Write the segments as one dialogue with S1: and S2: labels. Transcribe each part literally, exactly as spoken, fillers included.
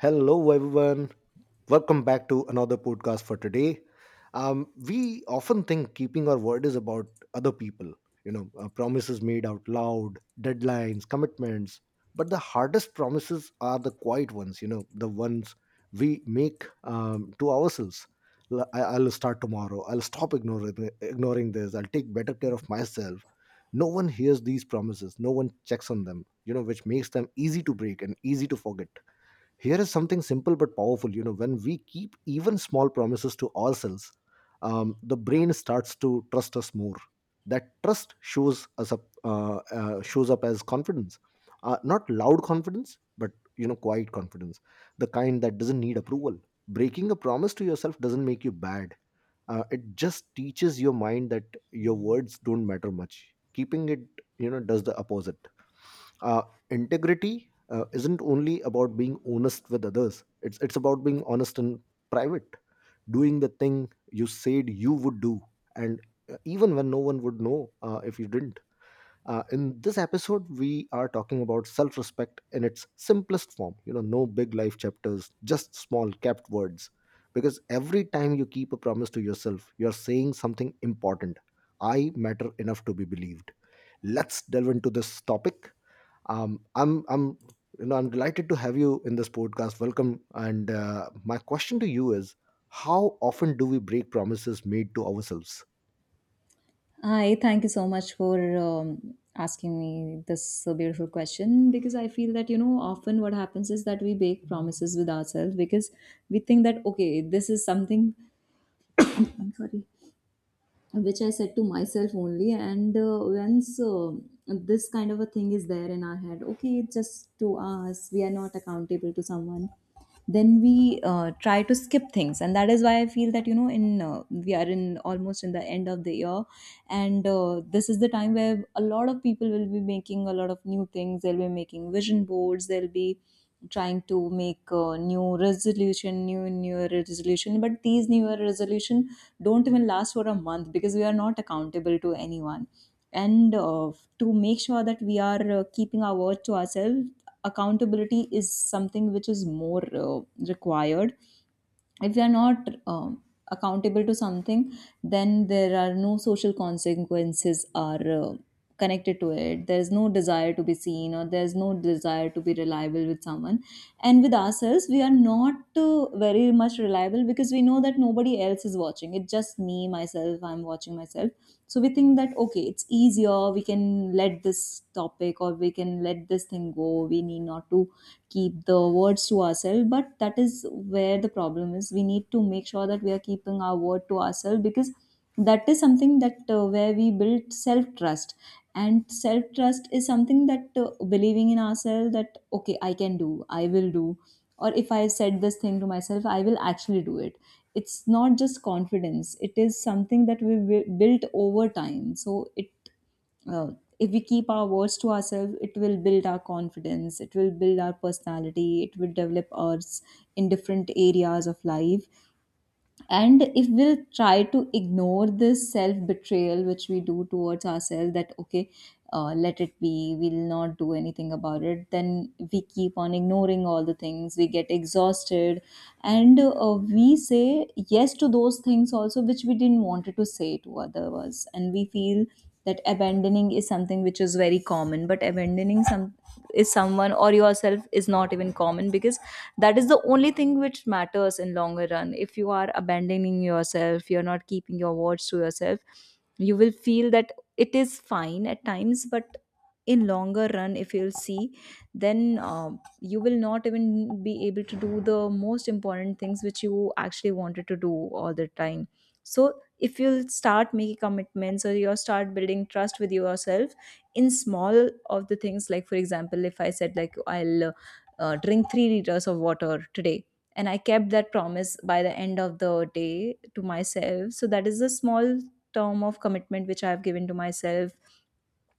S1: Hello, everyone. Welcome back to another podcast for today. Um, we often think keeping our word is about other people, you know, uh, promises made out loud, deadlines, commitments. But the hardest promises are the quiet ones, you know, the ones we make um, to ourselves. L- I- I'll start tomorrow. I'll stop ignoring, ignoring this. I'll take better care of myself. No one hears these promises. No one checks on them, you know, which makes them easy to break and easy to forget. Here is something simple but powerful. You know, when we keep even small promises to ourselves, um, the brain starts to trust us more. That trust shows us up, uh, uh, shows up as confidence, uh, not loud confidence, but, you know, quiet confidence, the kind that doesn't need approval. Breaking a promise to yourself doesn't make you bad. Uh, it just teaches your mind that your words don't matter much. Keeping it, you know, does the opposite. uh, Integrity uh, isn't only about being honest with others. It's it's about being honest in private, doing the thing you said you would do, and, uh, even when no one would know uh, if you didn't. Uh, in this episode we are talking about self-respect in its simplest form, you know, no big life chapters, just small kept words, because every time you keep a promise to yourself, you're saying something important. I matter enough to be believed. Let's delve into this topic. Um, I'm I'm, you know, I'm delighted to have you in this podcast. Welcome. And, uh, my question to you is, how often do we break promises made to ourselves?
S2: Hi, thank you so much for um, asking me this uh, beautiful question because I feel that, you know, often what happens is that we make promises with ourselves because we think that, okay, this is something. I'm sorry which I said to myself only. And uh, once uh, this kind of a thing is there in our head, okay, it's just to us, we are not accountable to someone, then we uh, try to skip things. And that is why I feel that, you know, in uh, we are in almost in the end of the year. And uh, this is the time where a lot of people will be making a lot of new things. They'll be making vision boards. They'll be trying to make a new resolution, new new resolution, but these new resolution don't even last for a month, because we are not accountable to anyone. And uh, to make sure that we are uh, keeping our word to ourselves, accountability is something which is more uh, required. If we are not um, accountable to something, then there are no social consequences, are uh, connected to it. There is no desire to be seen or there is no desire to be reliable with someone, and with ourselves we are not uh, very much reliable because we know that nobody else is watching. It's just me, myself, I'm watching myself. So we think that, okay, it's easier. We can let this topic or we can let this thing go. We need not to keep the words to ourselves. But that is where the problem is. We need to make sure that we are keeping our word to ourselves, because that is something that uh, where we build self trust. And self trust is something that uh, believing in ourselves that, okay, I can do, I will do, or if I said this thing to myself, I will actually do it. It's not just confidence, it is something that we will built over time. So it uh, if we keep our words to ourselves, it will build our confidence, it will build our personality, it will develop us in different areas of life. And if we'll try to ignore this self betrayal which we do towards ourselves, that, okay, uh, let it be, we'll not do anything about it, then we keep on ignoring all the things, we get exhausted. And uh, we say yes to those things also which we didn't wanted to say to others. And we feel that abandoning is something which is very common, but abandoning some is someone or yourself is not even common, because that is the only thing which matters in longer run. If you are abandoning yourself, you're not keeping your words to yourself. You will feel that it is fine at times, but in longer run if you'll see, then um, you will not even be able to do the most important things which you actually wanted to do all the time. So if you'll start making commitments or you start building trust with yourself in small of the things, like for example, if I said like i'll uh, uh, drink three liters of water today and I kept that promise by the end of the day to myself, so that is a small term of commitment which I have given to myself.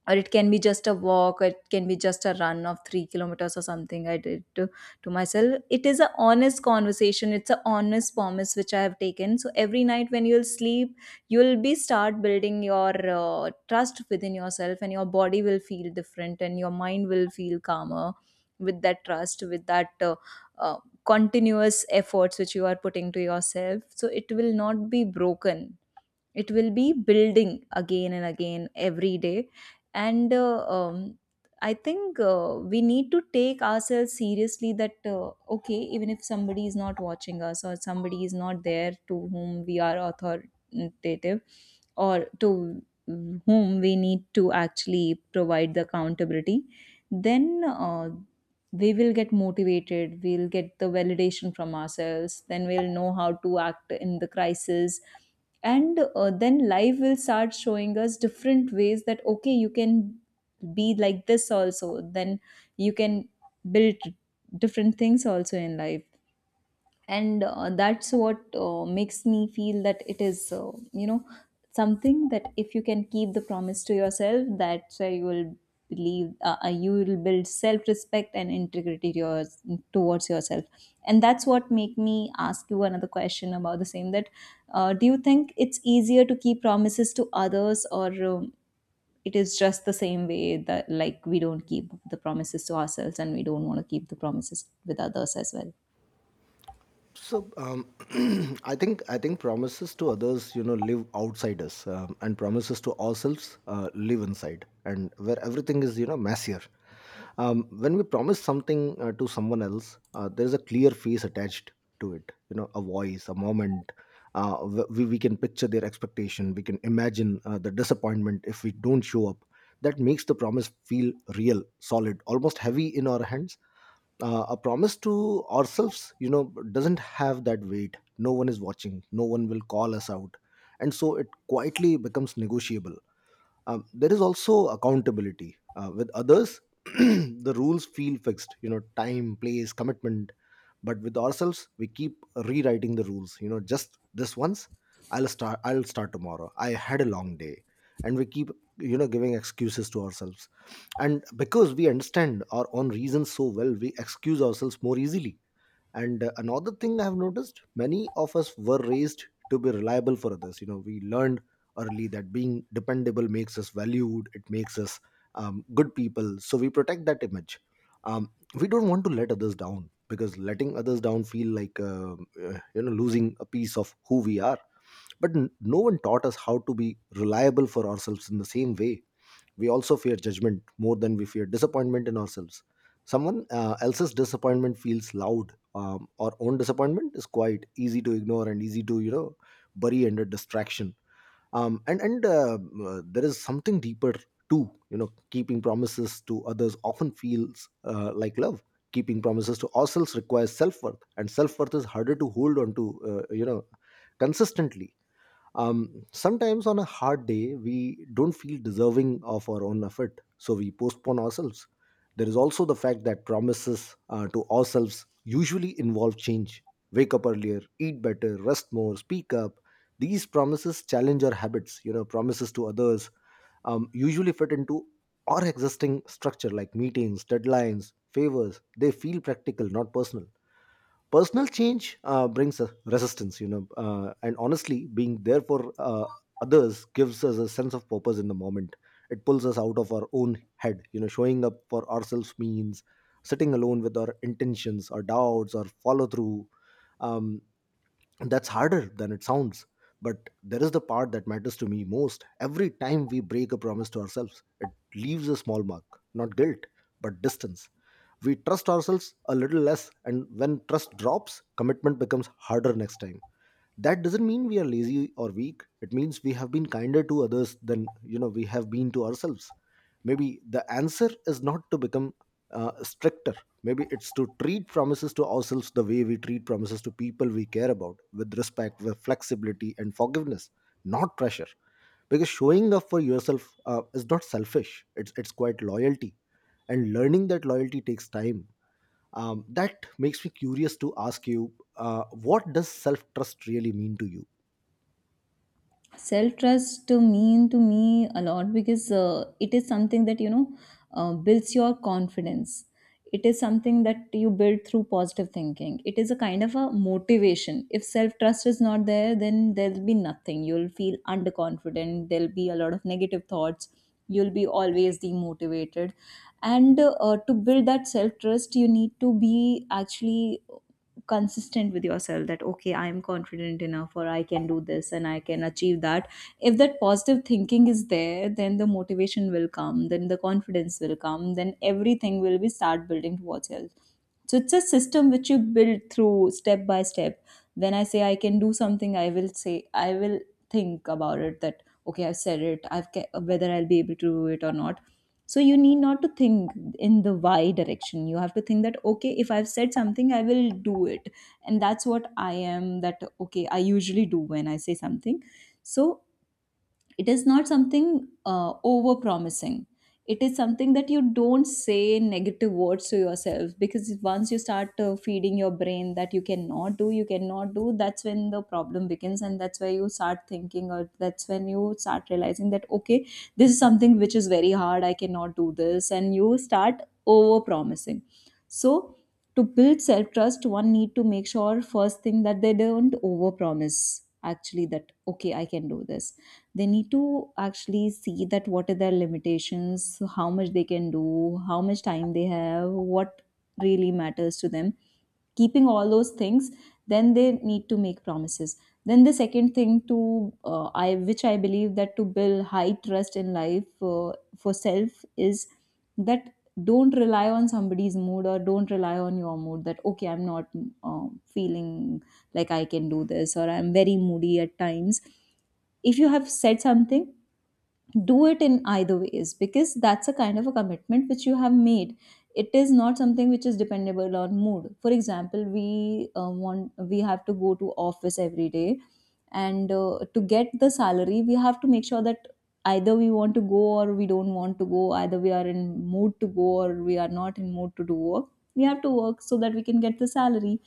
S2: Or it can be just a walk, or it can be just a run of three kilometers or something I did to, to myself. It is an honest conversation, it's an honest promise which I have taken. So every night when you'll sleep, you'll be start building your uh, trust within yourself, and your body will feel different and your mind will feel calmer with that trust, with that uh, uh, continuous efforts which you are putting to yourself, so it will not be broken, it will be building again and again every day. And uh, um, I think uh, we need to take ourselves seriously, that uh, okay, even if somebody is not watching us or somebody is not there to whom we are authoritative, or to whom we need to actually provide the accountability, then uh, we will get motivated, we'll get the validation from ourselves, then we'll know how to act in the crisis. And uh, then life will start showing us different ways, that, okay, you can be like this also, then you can build different things also in life. And uh, that's what uh, makes me feel that it is, uh, you know, something that if you can keep the promise to yourself, that's where you will believe, uh, uh, you will build self-respect and integrity to yours, towards yourself. And that's what make me ask you another question about the same, that uh, do you think it's easier to keep promises to others, or um, it is just the same way that like we don't keep the promises to ourselves and we don't want to keep the promises with others as well.
S1: So, um, I think I think promises to others, you know, live outside us, um, and promises to ourselves uh, live inside, and where everything is, you know, messier. Um, when we promise something uh, to someone else, uh, there is a clear face attached to it. You know, a voice, a moment. Uh, wh- we we can picture their expectation. We can imagine uh, the disappointment if we don't show up. That makes the promise feel real, solid, almost heavy in our hands. Uh, a promise to ourselves, you know, doesn't have that weight. No one is watching, no one will call us out, and so it quietly becomes negotiable. Um, there is also accountability uh, with others. The rules feel fixed, you know, time, place, commitment. But with ourselves we keep rewriting the rules, you know, just this once. I'll start i'll start tomorrow, I had a long day. And we keep, you know, giving excuses to ourselves, and because we understand our own reasons so well, we excuse ourselves more easily. And, uh, another thing I have noticed: many of us were raised to be reliable for others. You know, we learned early that being dependable makes us valued, it makes us, um, good people. So we protect that image. Um, we don't want to let others down, because letting others down feel like um, uh, you know, losing a piece of who we are. But n- no one taught us how to be reliable for ourselves in the same way. We also fear judgment more than we fear disappointment in ourselves. Someone uh, else's disappointment feels loud. Um, our own disappointment is quite easy to ignore and easy to, you know, bury under distraction. Um, and and uh, uh, There is something deeper too. You know, keeping promises to others often feels uh, like love. Keeping promises to ourselves requires self worth, and self worth is harder to hold on to. Uh, you know, consistently. Um, sometimes on a hard day, we don't feel deserving of our own effort, so we postpone ourselves. There is also the fact that promises uh, to ourselves usually involve change. Wake up earlier, eat better, rest more, speak up. These promises challenge our habits. You know, promises to others um, usually fit into our existing structure, like meetings, deadlines, favors. They feel practical, not personal. Personal change uh, brings a resistance, you know. Uh, and honestly, being there for uh, others gives us a sense of purpose in the moment. It pulls us out of our own head. You know, showing up for ourselves means sitting alone with our intentions, our doubts, our follow through. um, that's harder than it sounds. But there is the part that matters to me most: every time we break a promise to ourselves, it leaves a small mark, not guilt but distance. We trust ourselves a little less, and when trust drops, commitment becomes harder next time. That doesn't mean we are lazy or weak. It means we have been kinder to others than, you know, we have been to ourselves. Maybe the answer is not to become, uh, stricter. Maybe it's to treat promises to ourselves the way we treat promises to people we care about: with respect, with flexibility and forgiveness, not pressure. Because showing up for yourself uh, is not selfish. It's it's quite loyalty, and learning that loyalty takes time. Um, that makes me curious to ask you, uh, what does self trust really mean to you?
S2: Self trust to mean to me a lot, because uh, it is something that, you know, uh, builds your confidence. It is something that you build through positive thinking. It is a kind of a motivation. If self trust is not there, then there'll be nothing, you'll feel underconfident, there'll be a lot of negative thoughts, you'll be always demotivated. And uh, to build that self trust, you need to be actually consistent with yourself, that, okay, I am confident enough, or I can do this and I can achieve that. If that positive thinking is there, then the motivation will come, then the confidence will come, then everything will be start building towards health. So it's a system which you build through step by step. When I say I can do something, I will say I will think about it, that, okay, I've said it, i've ca- whether I'll be able to do it or not. So you need not to think in the why direction. You have to think that, okay, if I've said something, I will do it. And that's what I am, that, okay, I usually do when I say something. So it is not something uh, over promising. It is something that you don't say negative words to yourself, because once you start uh, feeding your brain that you cannot do, you cannot do, that's when the problem begins, and that's where you start thinking, or that's when you start realizing that, okay, this is something which is very hard, I cannot do this, and you start over promising. So to build self trust, one need to make sure first thing that they don't over promise, actually, that, okay, I can do this. They need to actually see that what are their limitations, how much they can do, how much time they have, what really matters to them. Keeping all those things, then they need to make promises. Then the second thing to, uh, I which I believe that to build high trust in life, uh, for self is that don't rely on somebody's mood, or don't rely on your mood, that, okay, I'm not uh, feeling like I can do this, or I'm very moody at times. If you have said something, do it in either ways, because that's a kind of a commitment which you have made. It is not something which is dependable on mood. For example, we uh, want we have to go to office every day, and uh, to get the salary we have to make sure that either we want to go or we don't want to go, either we are in mood to go or we are not in mood to do work, we have to work so that we can get the salary.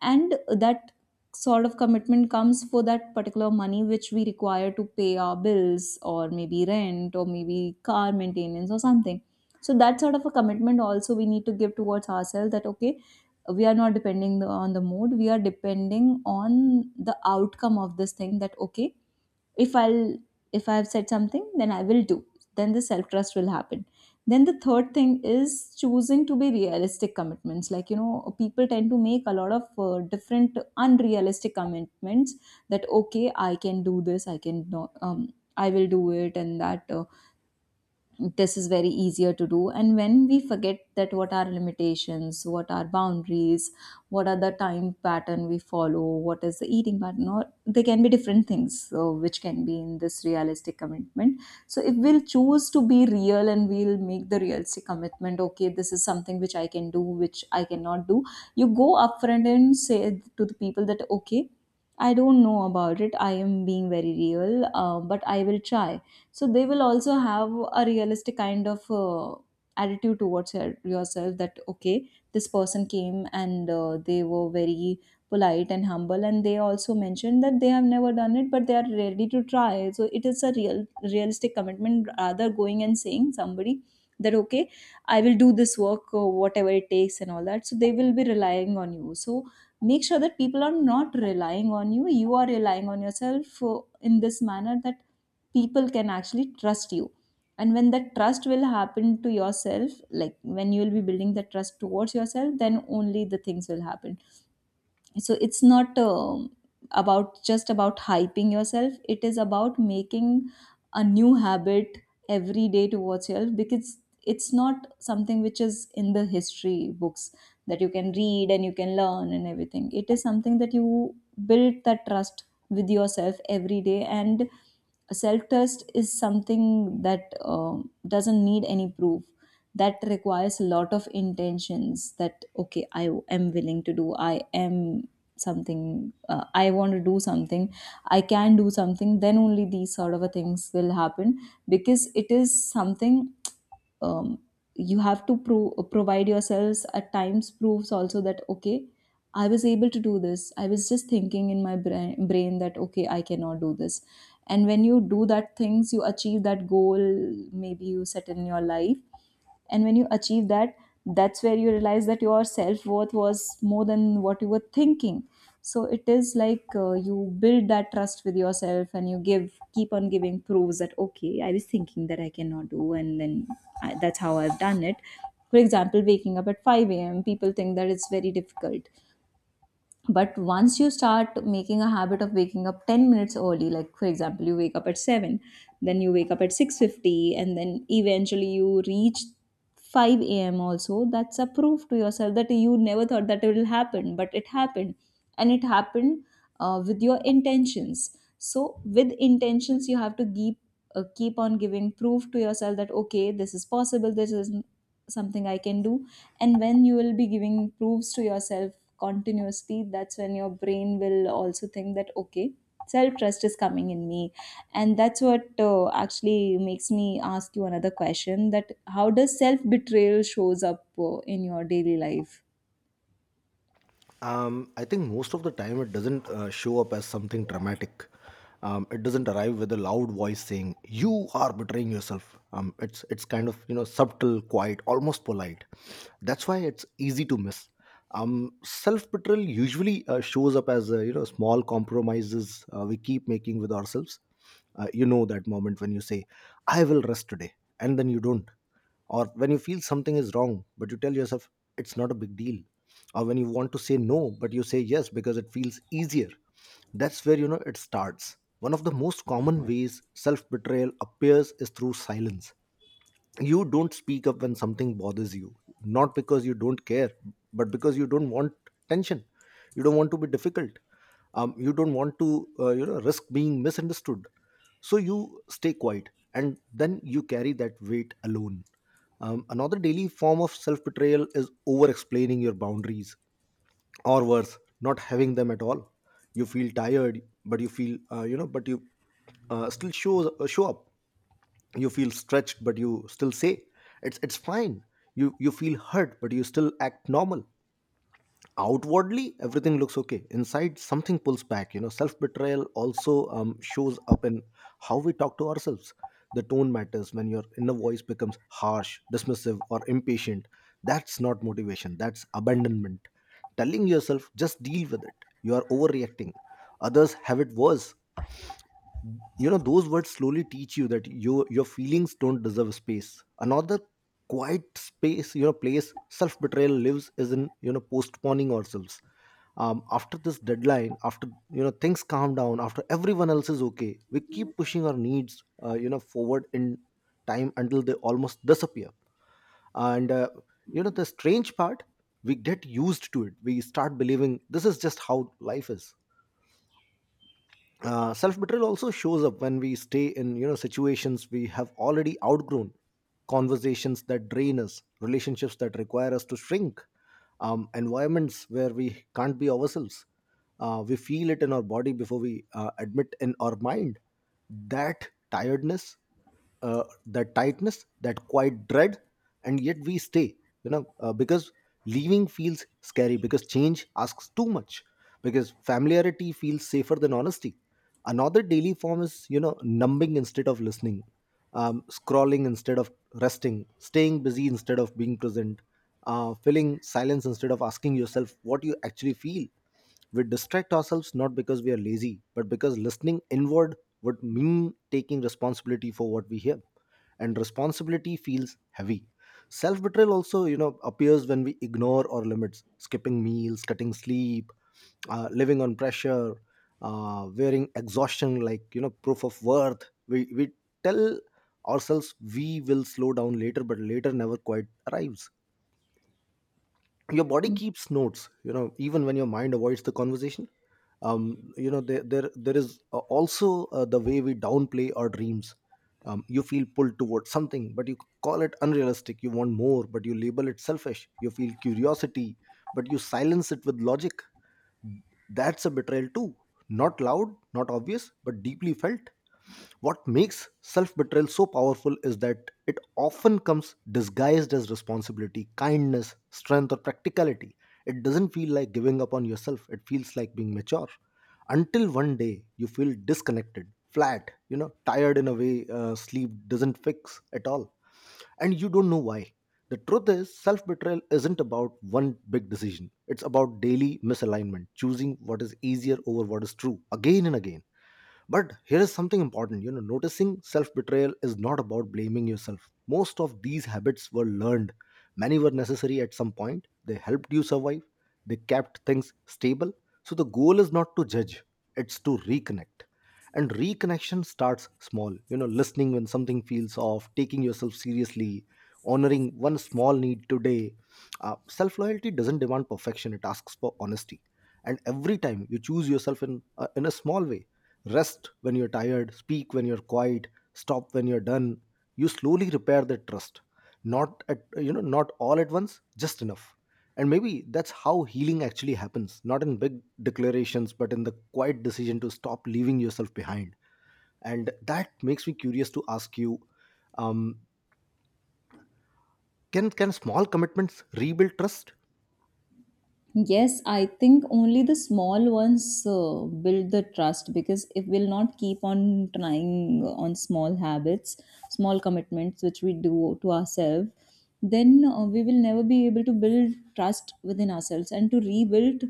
S2: And that sort of commitment comes for that particular money which we require to pay our bills, or maybe rent, or maybe car maintenance or something. So that sort of a commitment also we need to give towards ourselves, that, okay, we are not depending the- on the mood, we are depending on the outcome of this thing, that, okay, if I'll, if I've said something, then I will do, then the self trust will happen. Then the third thing is choosing to be realistic commitments, like, you know, people tend to make a lot of uh, different unrealistic commitments, that, okay, I can do this, I can no- um, I will do it, and that uh, this is very easier to do, and when we forget that what are limitations, what are boundaries, what are the time pattern we follow, what is the eating pattern, or there can be different things, so, which can be in this realistic commitment. So if we'll choose to be real and we'll make the realistic commitment, okay, this is something which I can do, which I cannot do, you go upfront and say to the people that, okay, I don't know about it. I am being very real, uh, but I will try. So they will also have a realistic kind of uh, attitude towards your- yourself, that okay, this person came and, uh, they were very polite and humble, and they also mentioned that they have never done it but they are ready to try. So it is a real realistic commitment, rather going and saying somebody that, okay, I will do this work or whatever it takes and all that, so they will be relying on you. So make sure that people are not relying on you, you are relying on yourself, uh, in this manner that people can actually trust you. And when that trust will happen to yourself, like when you will be building the trust towards yourself, then only the things will happen. So it's not, um about, just about hyping yourself, it is about making a new habit every day towards yourself, because it's not something which is in the history books that you can read and you can learn and everything. It is something that you build that trust with yourself every day. And self trust is something that um, doesn't need any proof. That requires a lot of intentions, that okay, I am willing to do, I am something, uh, I want to do something, I can do something, then only these sort of a things will happen, because it is something. um, you have to pro- provide yourselves at times proves also, that okay, I was able to do this. I was just thinking in my brain, brain that, okay, I cannot do this. And when you do that things, you achieve that goal maybe you set in your life. And when you achieve that, that's where you realize that your self-worth was more than what you were thinking. So it is like uh, you build that trust with yourself, and you give keep on giving proofs that, okay, I was thinking that I cannot do, and then I, that's how I've done it. For example, waking up at five a.m., people think that it's very difficult, but once you start making a habit of waking up ten minutes early, like, for example, you wake up at seven, then you wake up at six fifty, and then eventually you reach five a m also. That's a proof to yourself that you never thought that it will happen, but it happened. And it happened, uh, with your intentions. So with intentions, you have to keep uh, keep on giving proof to yourself that, okay, this is possible, this is something I can do. And when you will be giving proofs to yourself continuously, that's when your brain will also think that, okay, self trust is coming in me. And that's what uh, actually makes me ask you another question, that how does self betrayal shows up uh, in your daily life?
S1: Um, I think most of the time it doesn't uh, show up as something dramatic. Um, it doesn't arrive with a loud voice saying you are betraying yourself. Um, it's it's kind of, you know, subtle, quiet, almost polite. That's why it's easy to miss. Um, Self betrayal usually uh, shows up as, uh, you know, small compromises uh, we keep making with ourselves. Uh, you know, that moment when you say I will rest today, and then you don't. Or when you feel something is wrong but you tell yourself it's not a big deal. Or when you want to say no but you say yes because it feels easier. That's where, you know, it starts. One of the most common ways self betrayal appears is through silence. You don't speak up when something bothers you, not because you don't care but because you don't want tension. You don't want to be difficult. Um, you don't want to, uh, you know, risk being misunderstood. So you stay quiet, and then you carry that weight alone. Um, another daily form of self betrayal is over explaining your boundaries, or worse, not having them at all. You feel tired but you feel, uh, you know, but you uh, still shows uh, show up. You feel stretched but you still say it's it's fine. You you feel hurt but you still act normal. Outwardly everything looks okay, inside something pulls back. You know, self betrayal also, um, shows up in how we talk to ourselves. The tone matters. When your inner voice becomes harsh, dismissive or impatient, that's not motivation, that's abandonment. Telling yourself just deal with it, you are overreacting, others have it worse, you know, those words slowly teach you that you, your feelings don't deserve space. Another quiet space, you know, place self betrayal lives is in, you know, postponing ourselves. Um, after this deadline, after, you know, things calm down, after everyone else is okay, we keep pushing our needs, uh, you know, forward in time until they almost disappear. And, uh, you know, the strange part: we get used to it. We start believing this is just how life is. Uh, self betrayal also shows up when we stay in, you know, situations we have already outgrown, conversations that drain us, relationships that require us to shrink, um, environments where we can't be ourselves. Uh, we feel it in our body before we uh, admit in our mind, that tiredness, uh, that tightness, that quiet dread. And yet we stay, you know, uh, because leaving feels scary, because change asks too much, because familiarity feels safer than honesty. Another daily form is, you know, numbing instead of listening. Um, scrolling instead of resting, staying busy instead of being present, uh, filling silence instead of asking yourself what you actually feel. We distract ourselves not because we are lazy but because listening inward would mean taking responsibility for what we hear, and responsibility feels heavy. Self betrayal also, you know, appears when we ignore our limits: skipping meals, cutting sleep, uh, living on pressure, uh, wearing exhaustion like, you know, proof of worth. We, we tell ourselves we will slow down later, but later never quite arrives. Your body keeps notes, you know, even when your mind avoids the conversation. Um, you know, there there, there is, uh, also, uh, the way we downplay our dreams. Um, you feel pulled towards something but you call it unrealistic. You want more but you label it selfish. You feel curiosity but you silence it with logic. That's a betrayal too, not loud, not obvious, but deeply felt. What makes self betrayal so powerful is that it often comes disguised as responsibility, kindness, strength or practicality. It doesn't feel like giving up on yourself It feels like being mature. Until one day you feel disconnected, flat, you know tired in a way uh, sleep doesn't fix at all. And you don't know why. The truth is, self betrayal isn't about one big decision. It's about daily misalignment, choosing what is easier over what is true, again and again. But here is something important. You know, noticing self betrayal is not about blaming yourself. Most of these habits were learned, many were necessary at some point. They helped you survive, they kept things stable. So the goal is not to judge, it's to reconnect. And reconnection starts small, you know, listening when something feels off, taking yourself seriously, honoring one small need today. Uh, self loyalty doesn't demand perfection, it asks for honesty. And every time you choose yourself in, uh, in a small way, rest when you're tired, speak when you're quiet, stop when you're done, you slowly repair that trust. Not at you know, not all at once, just enough. And maybe that's how healing actually happens, not in big declarations, but in the quiet decision to stop leaving yourself behind. And that makes me curious to ask you, um, can can small commitments rebuild trust?
S2: Yes, I think only the small ones uh, build the trust, because if we'll not keep on trying on small habits, small commitments which we do to ourselves, then uh, we will never be able to build trust within ourselves. And to rebuild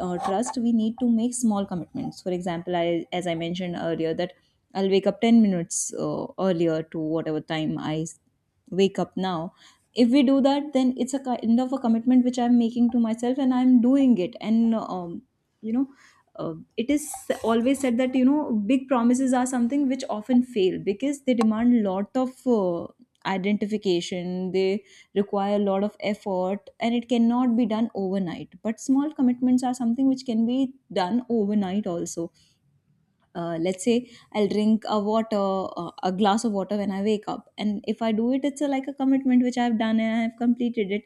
S2: uh, trust, we need to make small commitments. For example, I, as I mentioned earlier, that I'll wake up ten minutes uh, earlier to whatever time I wake up now. If we do that, then it's a kind of a commitment which I'm making to myself, and I'm doing it. And um, you know, uh, it is always said that, you know, big promises are something which often fail because they demand lot of uh, identification, they require a lot of effort, and it cannot be done overnight. But small commitments are something which can be done overnight also. Uh, let's say I'll drink a water uh, a glass of water when I wake up, and if I do it, it's a, like a commitment which I've done, and I've completed it.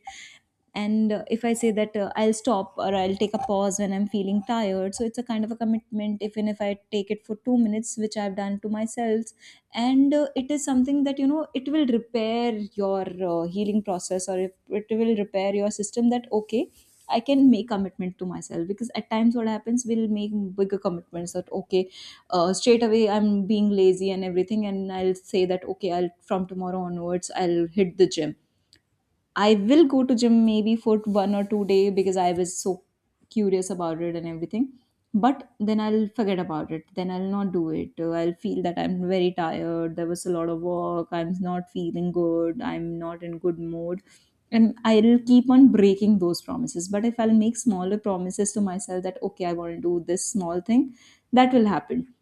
S2: And uh, if I say that uh, I'll stop, or I'll take a pause when I'm feeling tired, so it's a kind of a commitment, even if I take it for two minutes, which I've done to myself. And uh, it is something that, you know, it will repair your uh, healing process, or if it will repair your system, that okay, I can make commitment to myself. Because at times what happens, we'll make bigger commitments, that okay, uh, straight away I'm being lazy and everything, and I'll say that, okay, I'll from tomorrow onwards I'll hit the gym. I will go to gym maybe for one or two day, because I was so curious about it and everything. But then I'll forget about it. Then I'll not do it. Uh, I'll feel that I'm very tired. There was a lot of work. I'm not feeling good. I'm not in good mood. And I'll keep on breaking those promises. But if I'll make smaller promises to myself that, okay, I want to do this small thing, that will happen,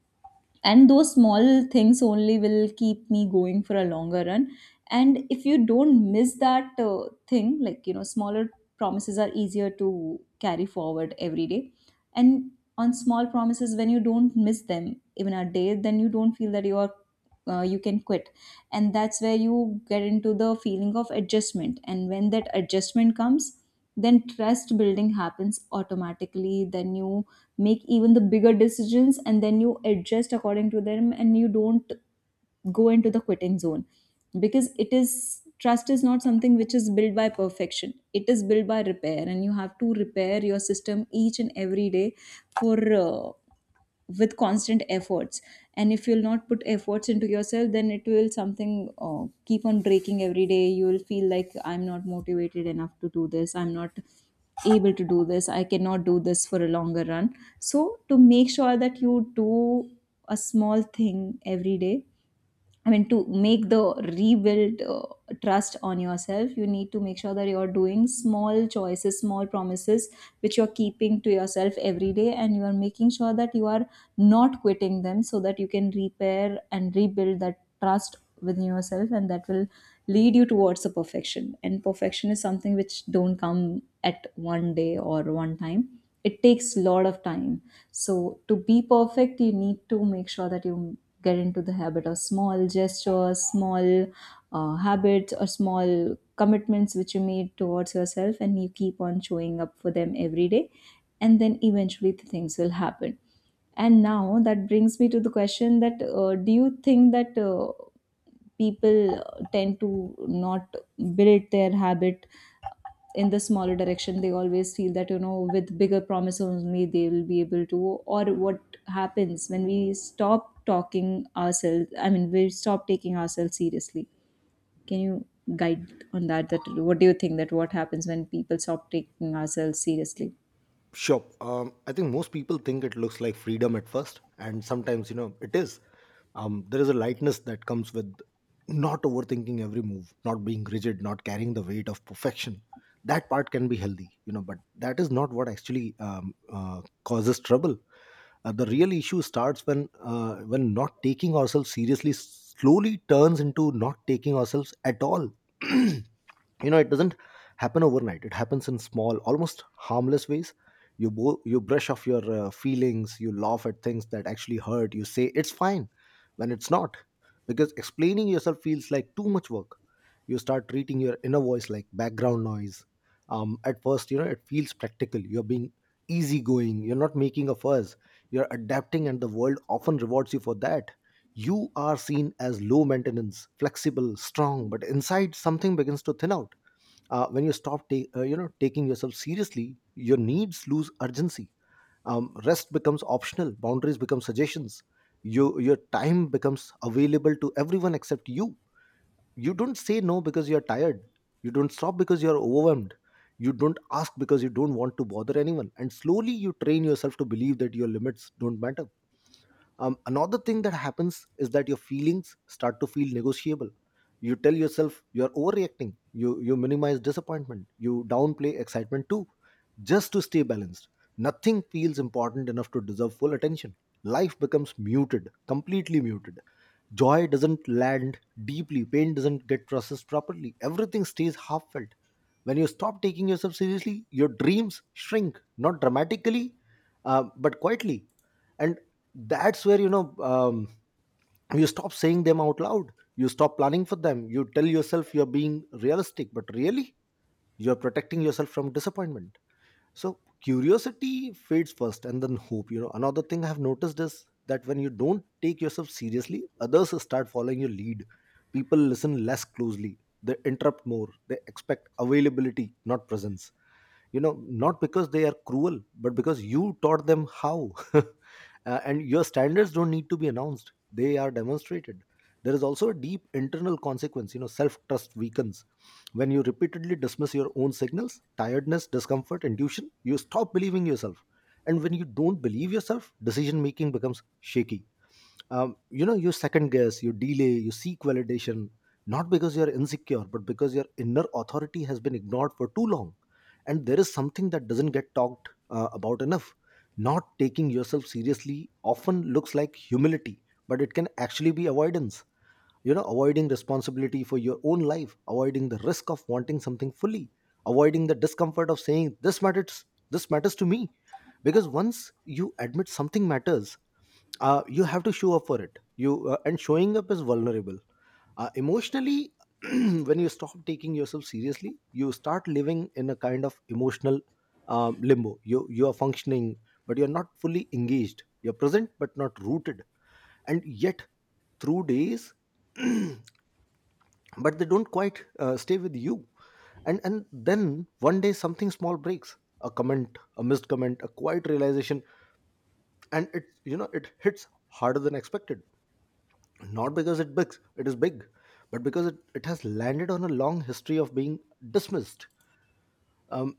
S2: and those small things only will keep me going for a longer run. And if you don't miss that uh, thing, like, you know, smaller promises are easier to carry forward every day. And on small promises, when you don't miss them even a day, then you don't feel that you are uh, you can quit. And that's where you get into the feeling of adjustment, and when that adjustment comes, then trust building happens automatically. Then you make even the bigger decisions, and then you adjust according to them, and you don't go into the quitting zone, because it is trust is not something which is built by perfection, it is built by repair, and you have to repair your system each and every day, for uh, with constant efforts. And if you'll not put efforts into yourself, then it will something uh, keep on breaking every day. You will feel like I'm not motivated enough to do this, I'm not able to do this, I cannot do this for a longer run. So to make sure that you do a small thing every day, I mean, to make the rebuild uh, trust on yourself, you need to make sure that you're doing small choices, small promises, which you're keeping to yourself every day, and you are making sure that you are not quitting them, so that you can repair and rebuild that trust within yourself, and that will lead you towards the perfection. And perfection is something which don't come at one day or one time. It takes a lot of time. So to be perfect, you need to make sure that you get into the habit of small gestures, small uh, habits, or small commitments which you made towards yourself, and you keep on showing up for them every day. And then eventually, the things will happen. And now that brings me to the question, that uh, do you think that uh, people uh, tend to not build their habit in the smaller direction, they always feel that, you know, with bigger promises only they will be able to. Or what happens when we stop talking ourselves, I mean, we stop taking ourselves seriously. Can you guide on that, that what do you think, that what happens when people stop taking ourselves seriously?
S1: Sure. Um, I think most people think it looks like freedom at first, and sometimes you know it is. Um, there is a lightness that comes with not overthinking every move, not being rigid, not carrying the weight of perfection. That part can be healthy, you know, but that is not what actually um, uh, causes trouble. Uh, the real issue starts when uh, when not taking ourselves seriously slowly turns into not taking ourselves at all. You know, it doesn't happen overnight. It happens in small, almost harmless ways. You bo- you brush off your uh, feelings. You laugh at things that actually hurt. You say it's fine when it's not, because explaining yourself feels like too much work. You start treating your inner voice like background noise. Um, at first, you know, it feels practical. You're being easygoing, you're not making a fuss, you're adapting, and the world often rewards you for that. You are seen as low maintenance, flexible, strong, but inside something begins to thin out. Uh, when you stop ta- uh, you know, taking yourself seriously, your needs lose urgency. Um, rest becomes optional, boundaries become suggestions. You, your time becomes available to everyone except you. You don't say no because you're tired, you don't stop because you're overwhelmed, you don't ask because you don't want to bother anyone, and slowly you train yourself to believe that your limits don't matter. Um, another thing that happens is that your feelings start to feel negotiable. You tell yourself you're overreacting. You you minimize disappointment. You downplay excitement too, just to stay balanced. Nothing feels important enough to deserve full attention. Life becomes muted, completely muted. Joy doesn't land deeply. Pain doesn't get processed properly. Everything stays half felt. When you stop taking yourself seriously, your dreams shrink, not dramatically, uh, but quietly. And that's where, you know, um, you stop saying them out loud, you stop planning for them, you tell yourself you're being realistic, but really you're protecting yourself from disappointment. So curiosity fades first, and then hope. You know, another thing I've noticed is that when you don't take yourself seriously, others start following your lead. People listen less closely, they interrupt more, they expect availability, not presence. You know, not because they are cruel, but because you taught them how. Uh, and your standards don't need to be announced, they are demonstrated. There is also a deep internal consequence. You know, self trust weakens when you repeatedly dismiss your own signals, tiredness, discomfort, intuition. You stop believing yourself, and when you don't believe yourself, decision making becomes shaky. Um, you know, you second guess, you delay, you seek validation, not because you're insecure, but because your inner authority has been ignored for too long. And there is something that doesn't get talked uh, about enough. Not taking yourself seriously often looks like humility, but it can actually be avoidance. You know, avoiding responsibility for your own life, avoiding the risk of wanting something fully, avoiding the discomfort of saying this matters, this matters to me. Because once you admit something matters, uh, you have to show up for it. You uh, And showing up is vulnerable, uh, emotionally. When you stop taking yourself seriously, you start living in a kind of emotional um, limbo. You you are functioning, but you're not fully engaged. You're present, but not rooted. And yet through days, but they don't quite uh, stay with you. And and then one day something small breaks, a comment, a missed comment, a quiet realization, and it, you know, it hits harder than expected. Not because it big it is big, but because it, it has landed on a long history of being dismissed. um,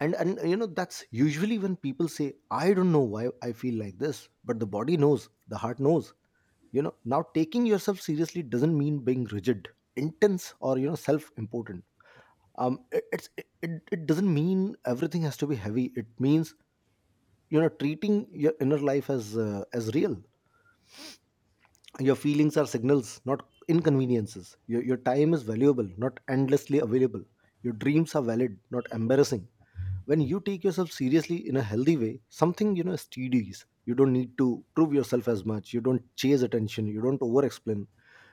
S1: and and you know, that's usually when people say, I don't know why I feel like this. But the body knows, the heart knows. You know, now taking yourself seriously doesn't mean being rigid, intense, or, you know, self important. Um it, it's it, it it doesn't mean everything has to be heavy. It means, you know, treating your inner life as uh, as real. Your feelings are signals, not inconveniences. Your, your time is valuable, not endlessly available. Your dreams are valid, not embarrassing. When you take yourself seriously in a healthy way, something, you know, steadies. You don't need to prove yourself as much, you don't chase attention, you don't over explain.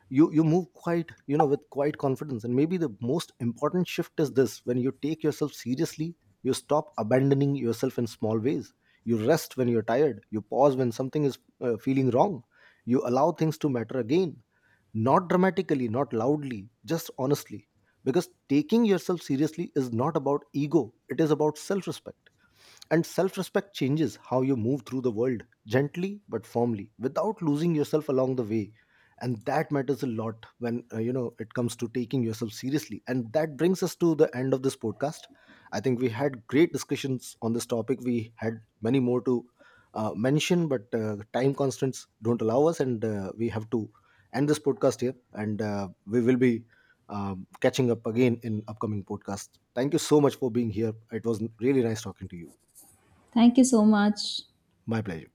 S1: You you move quite, you know, with quite confidence. And maybe the most important shift is this: when you take yourself seriously, you stop abandoning yourself in small ways. You rest when you're tired, you pause when something is uh, feeling wrong, you allow things to matter again, not dramatically, not loudly, just honestly. Because taking yourself seriously is not about ego, it is about self respect. And self respect changes how you move through the world, gently but firmly, without losing yourself along the way. And that matters a lot when, uh, you know, it comes to taking yourself seriously. And that brings us to the end of this podcast. I think we had great discussions on this topic. We had many more to uh, mention, but uh, time constraints don't allow us, and uh, we have to end this podcast here. And uh, we will be um, catching up again in upcoming podcasts. Thank you so much for being here. It was really nice talking to you.
S2: Thank you so much.
S1: My pleasure.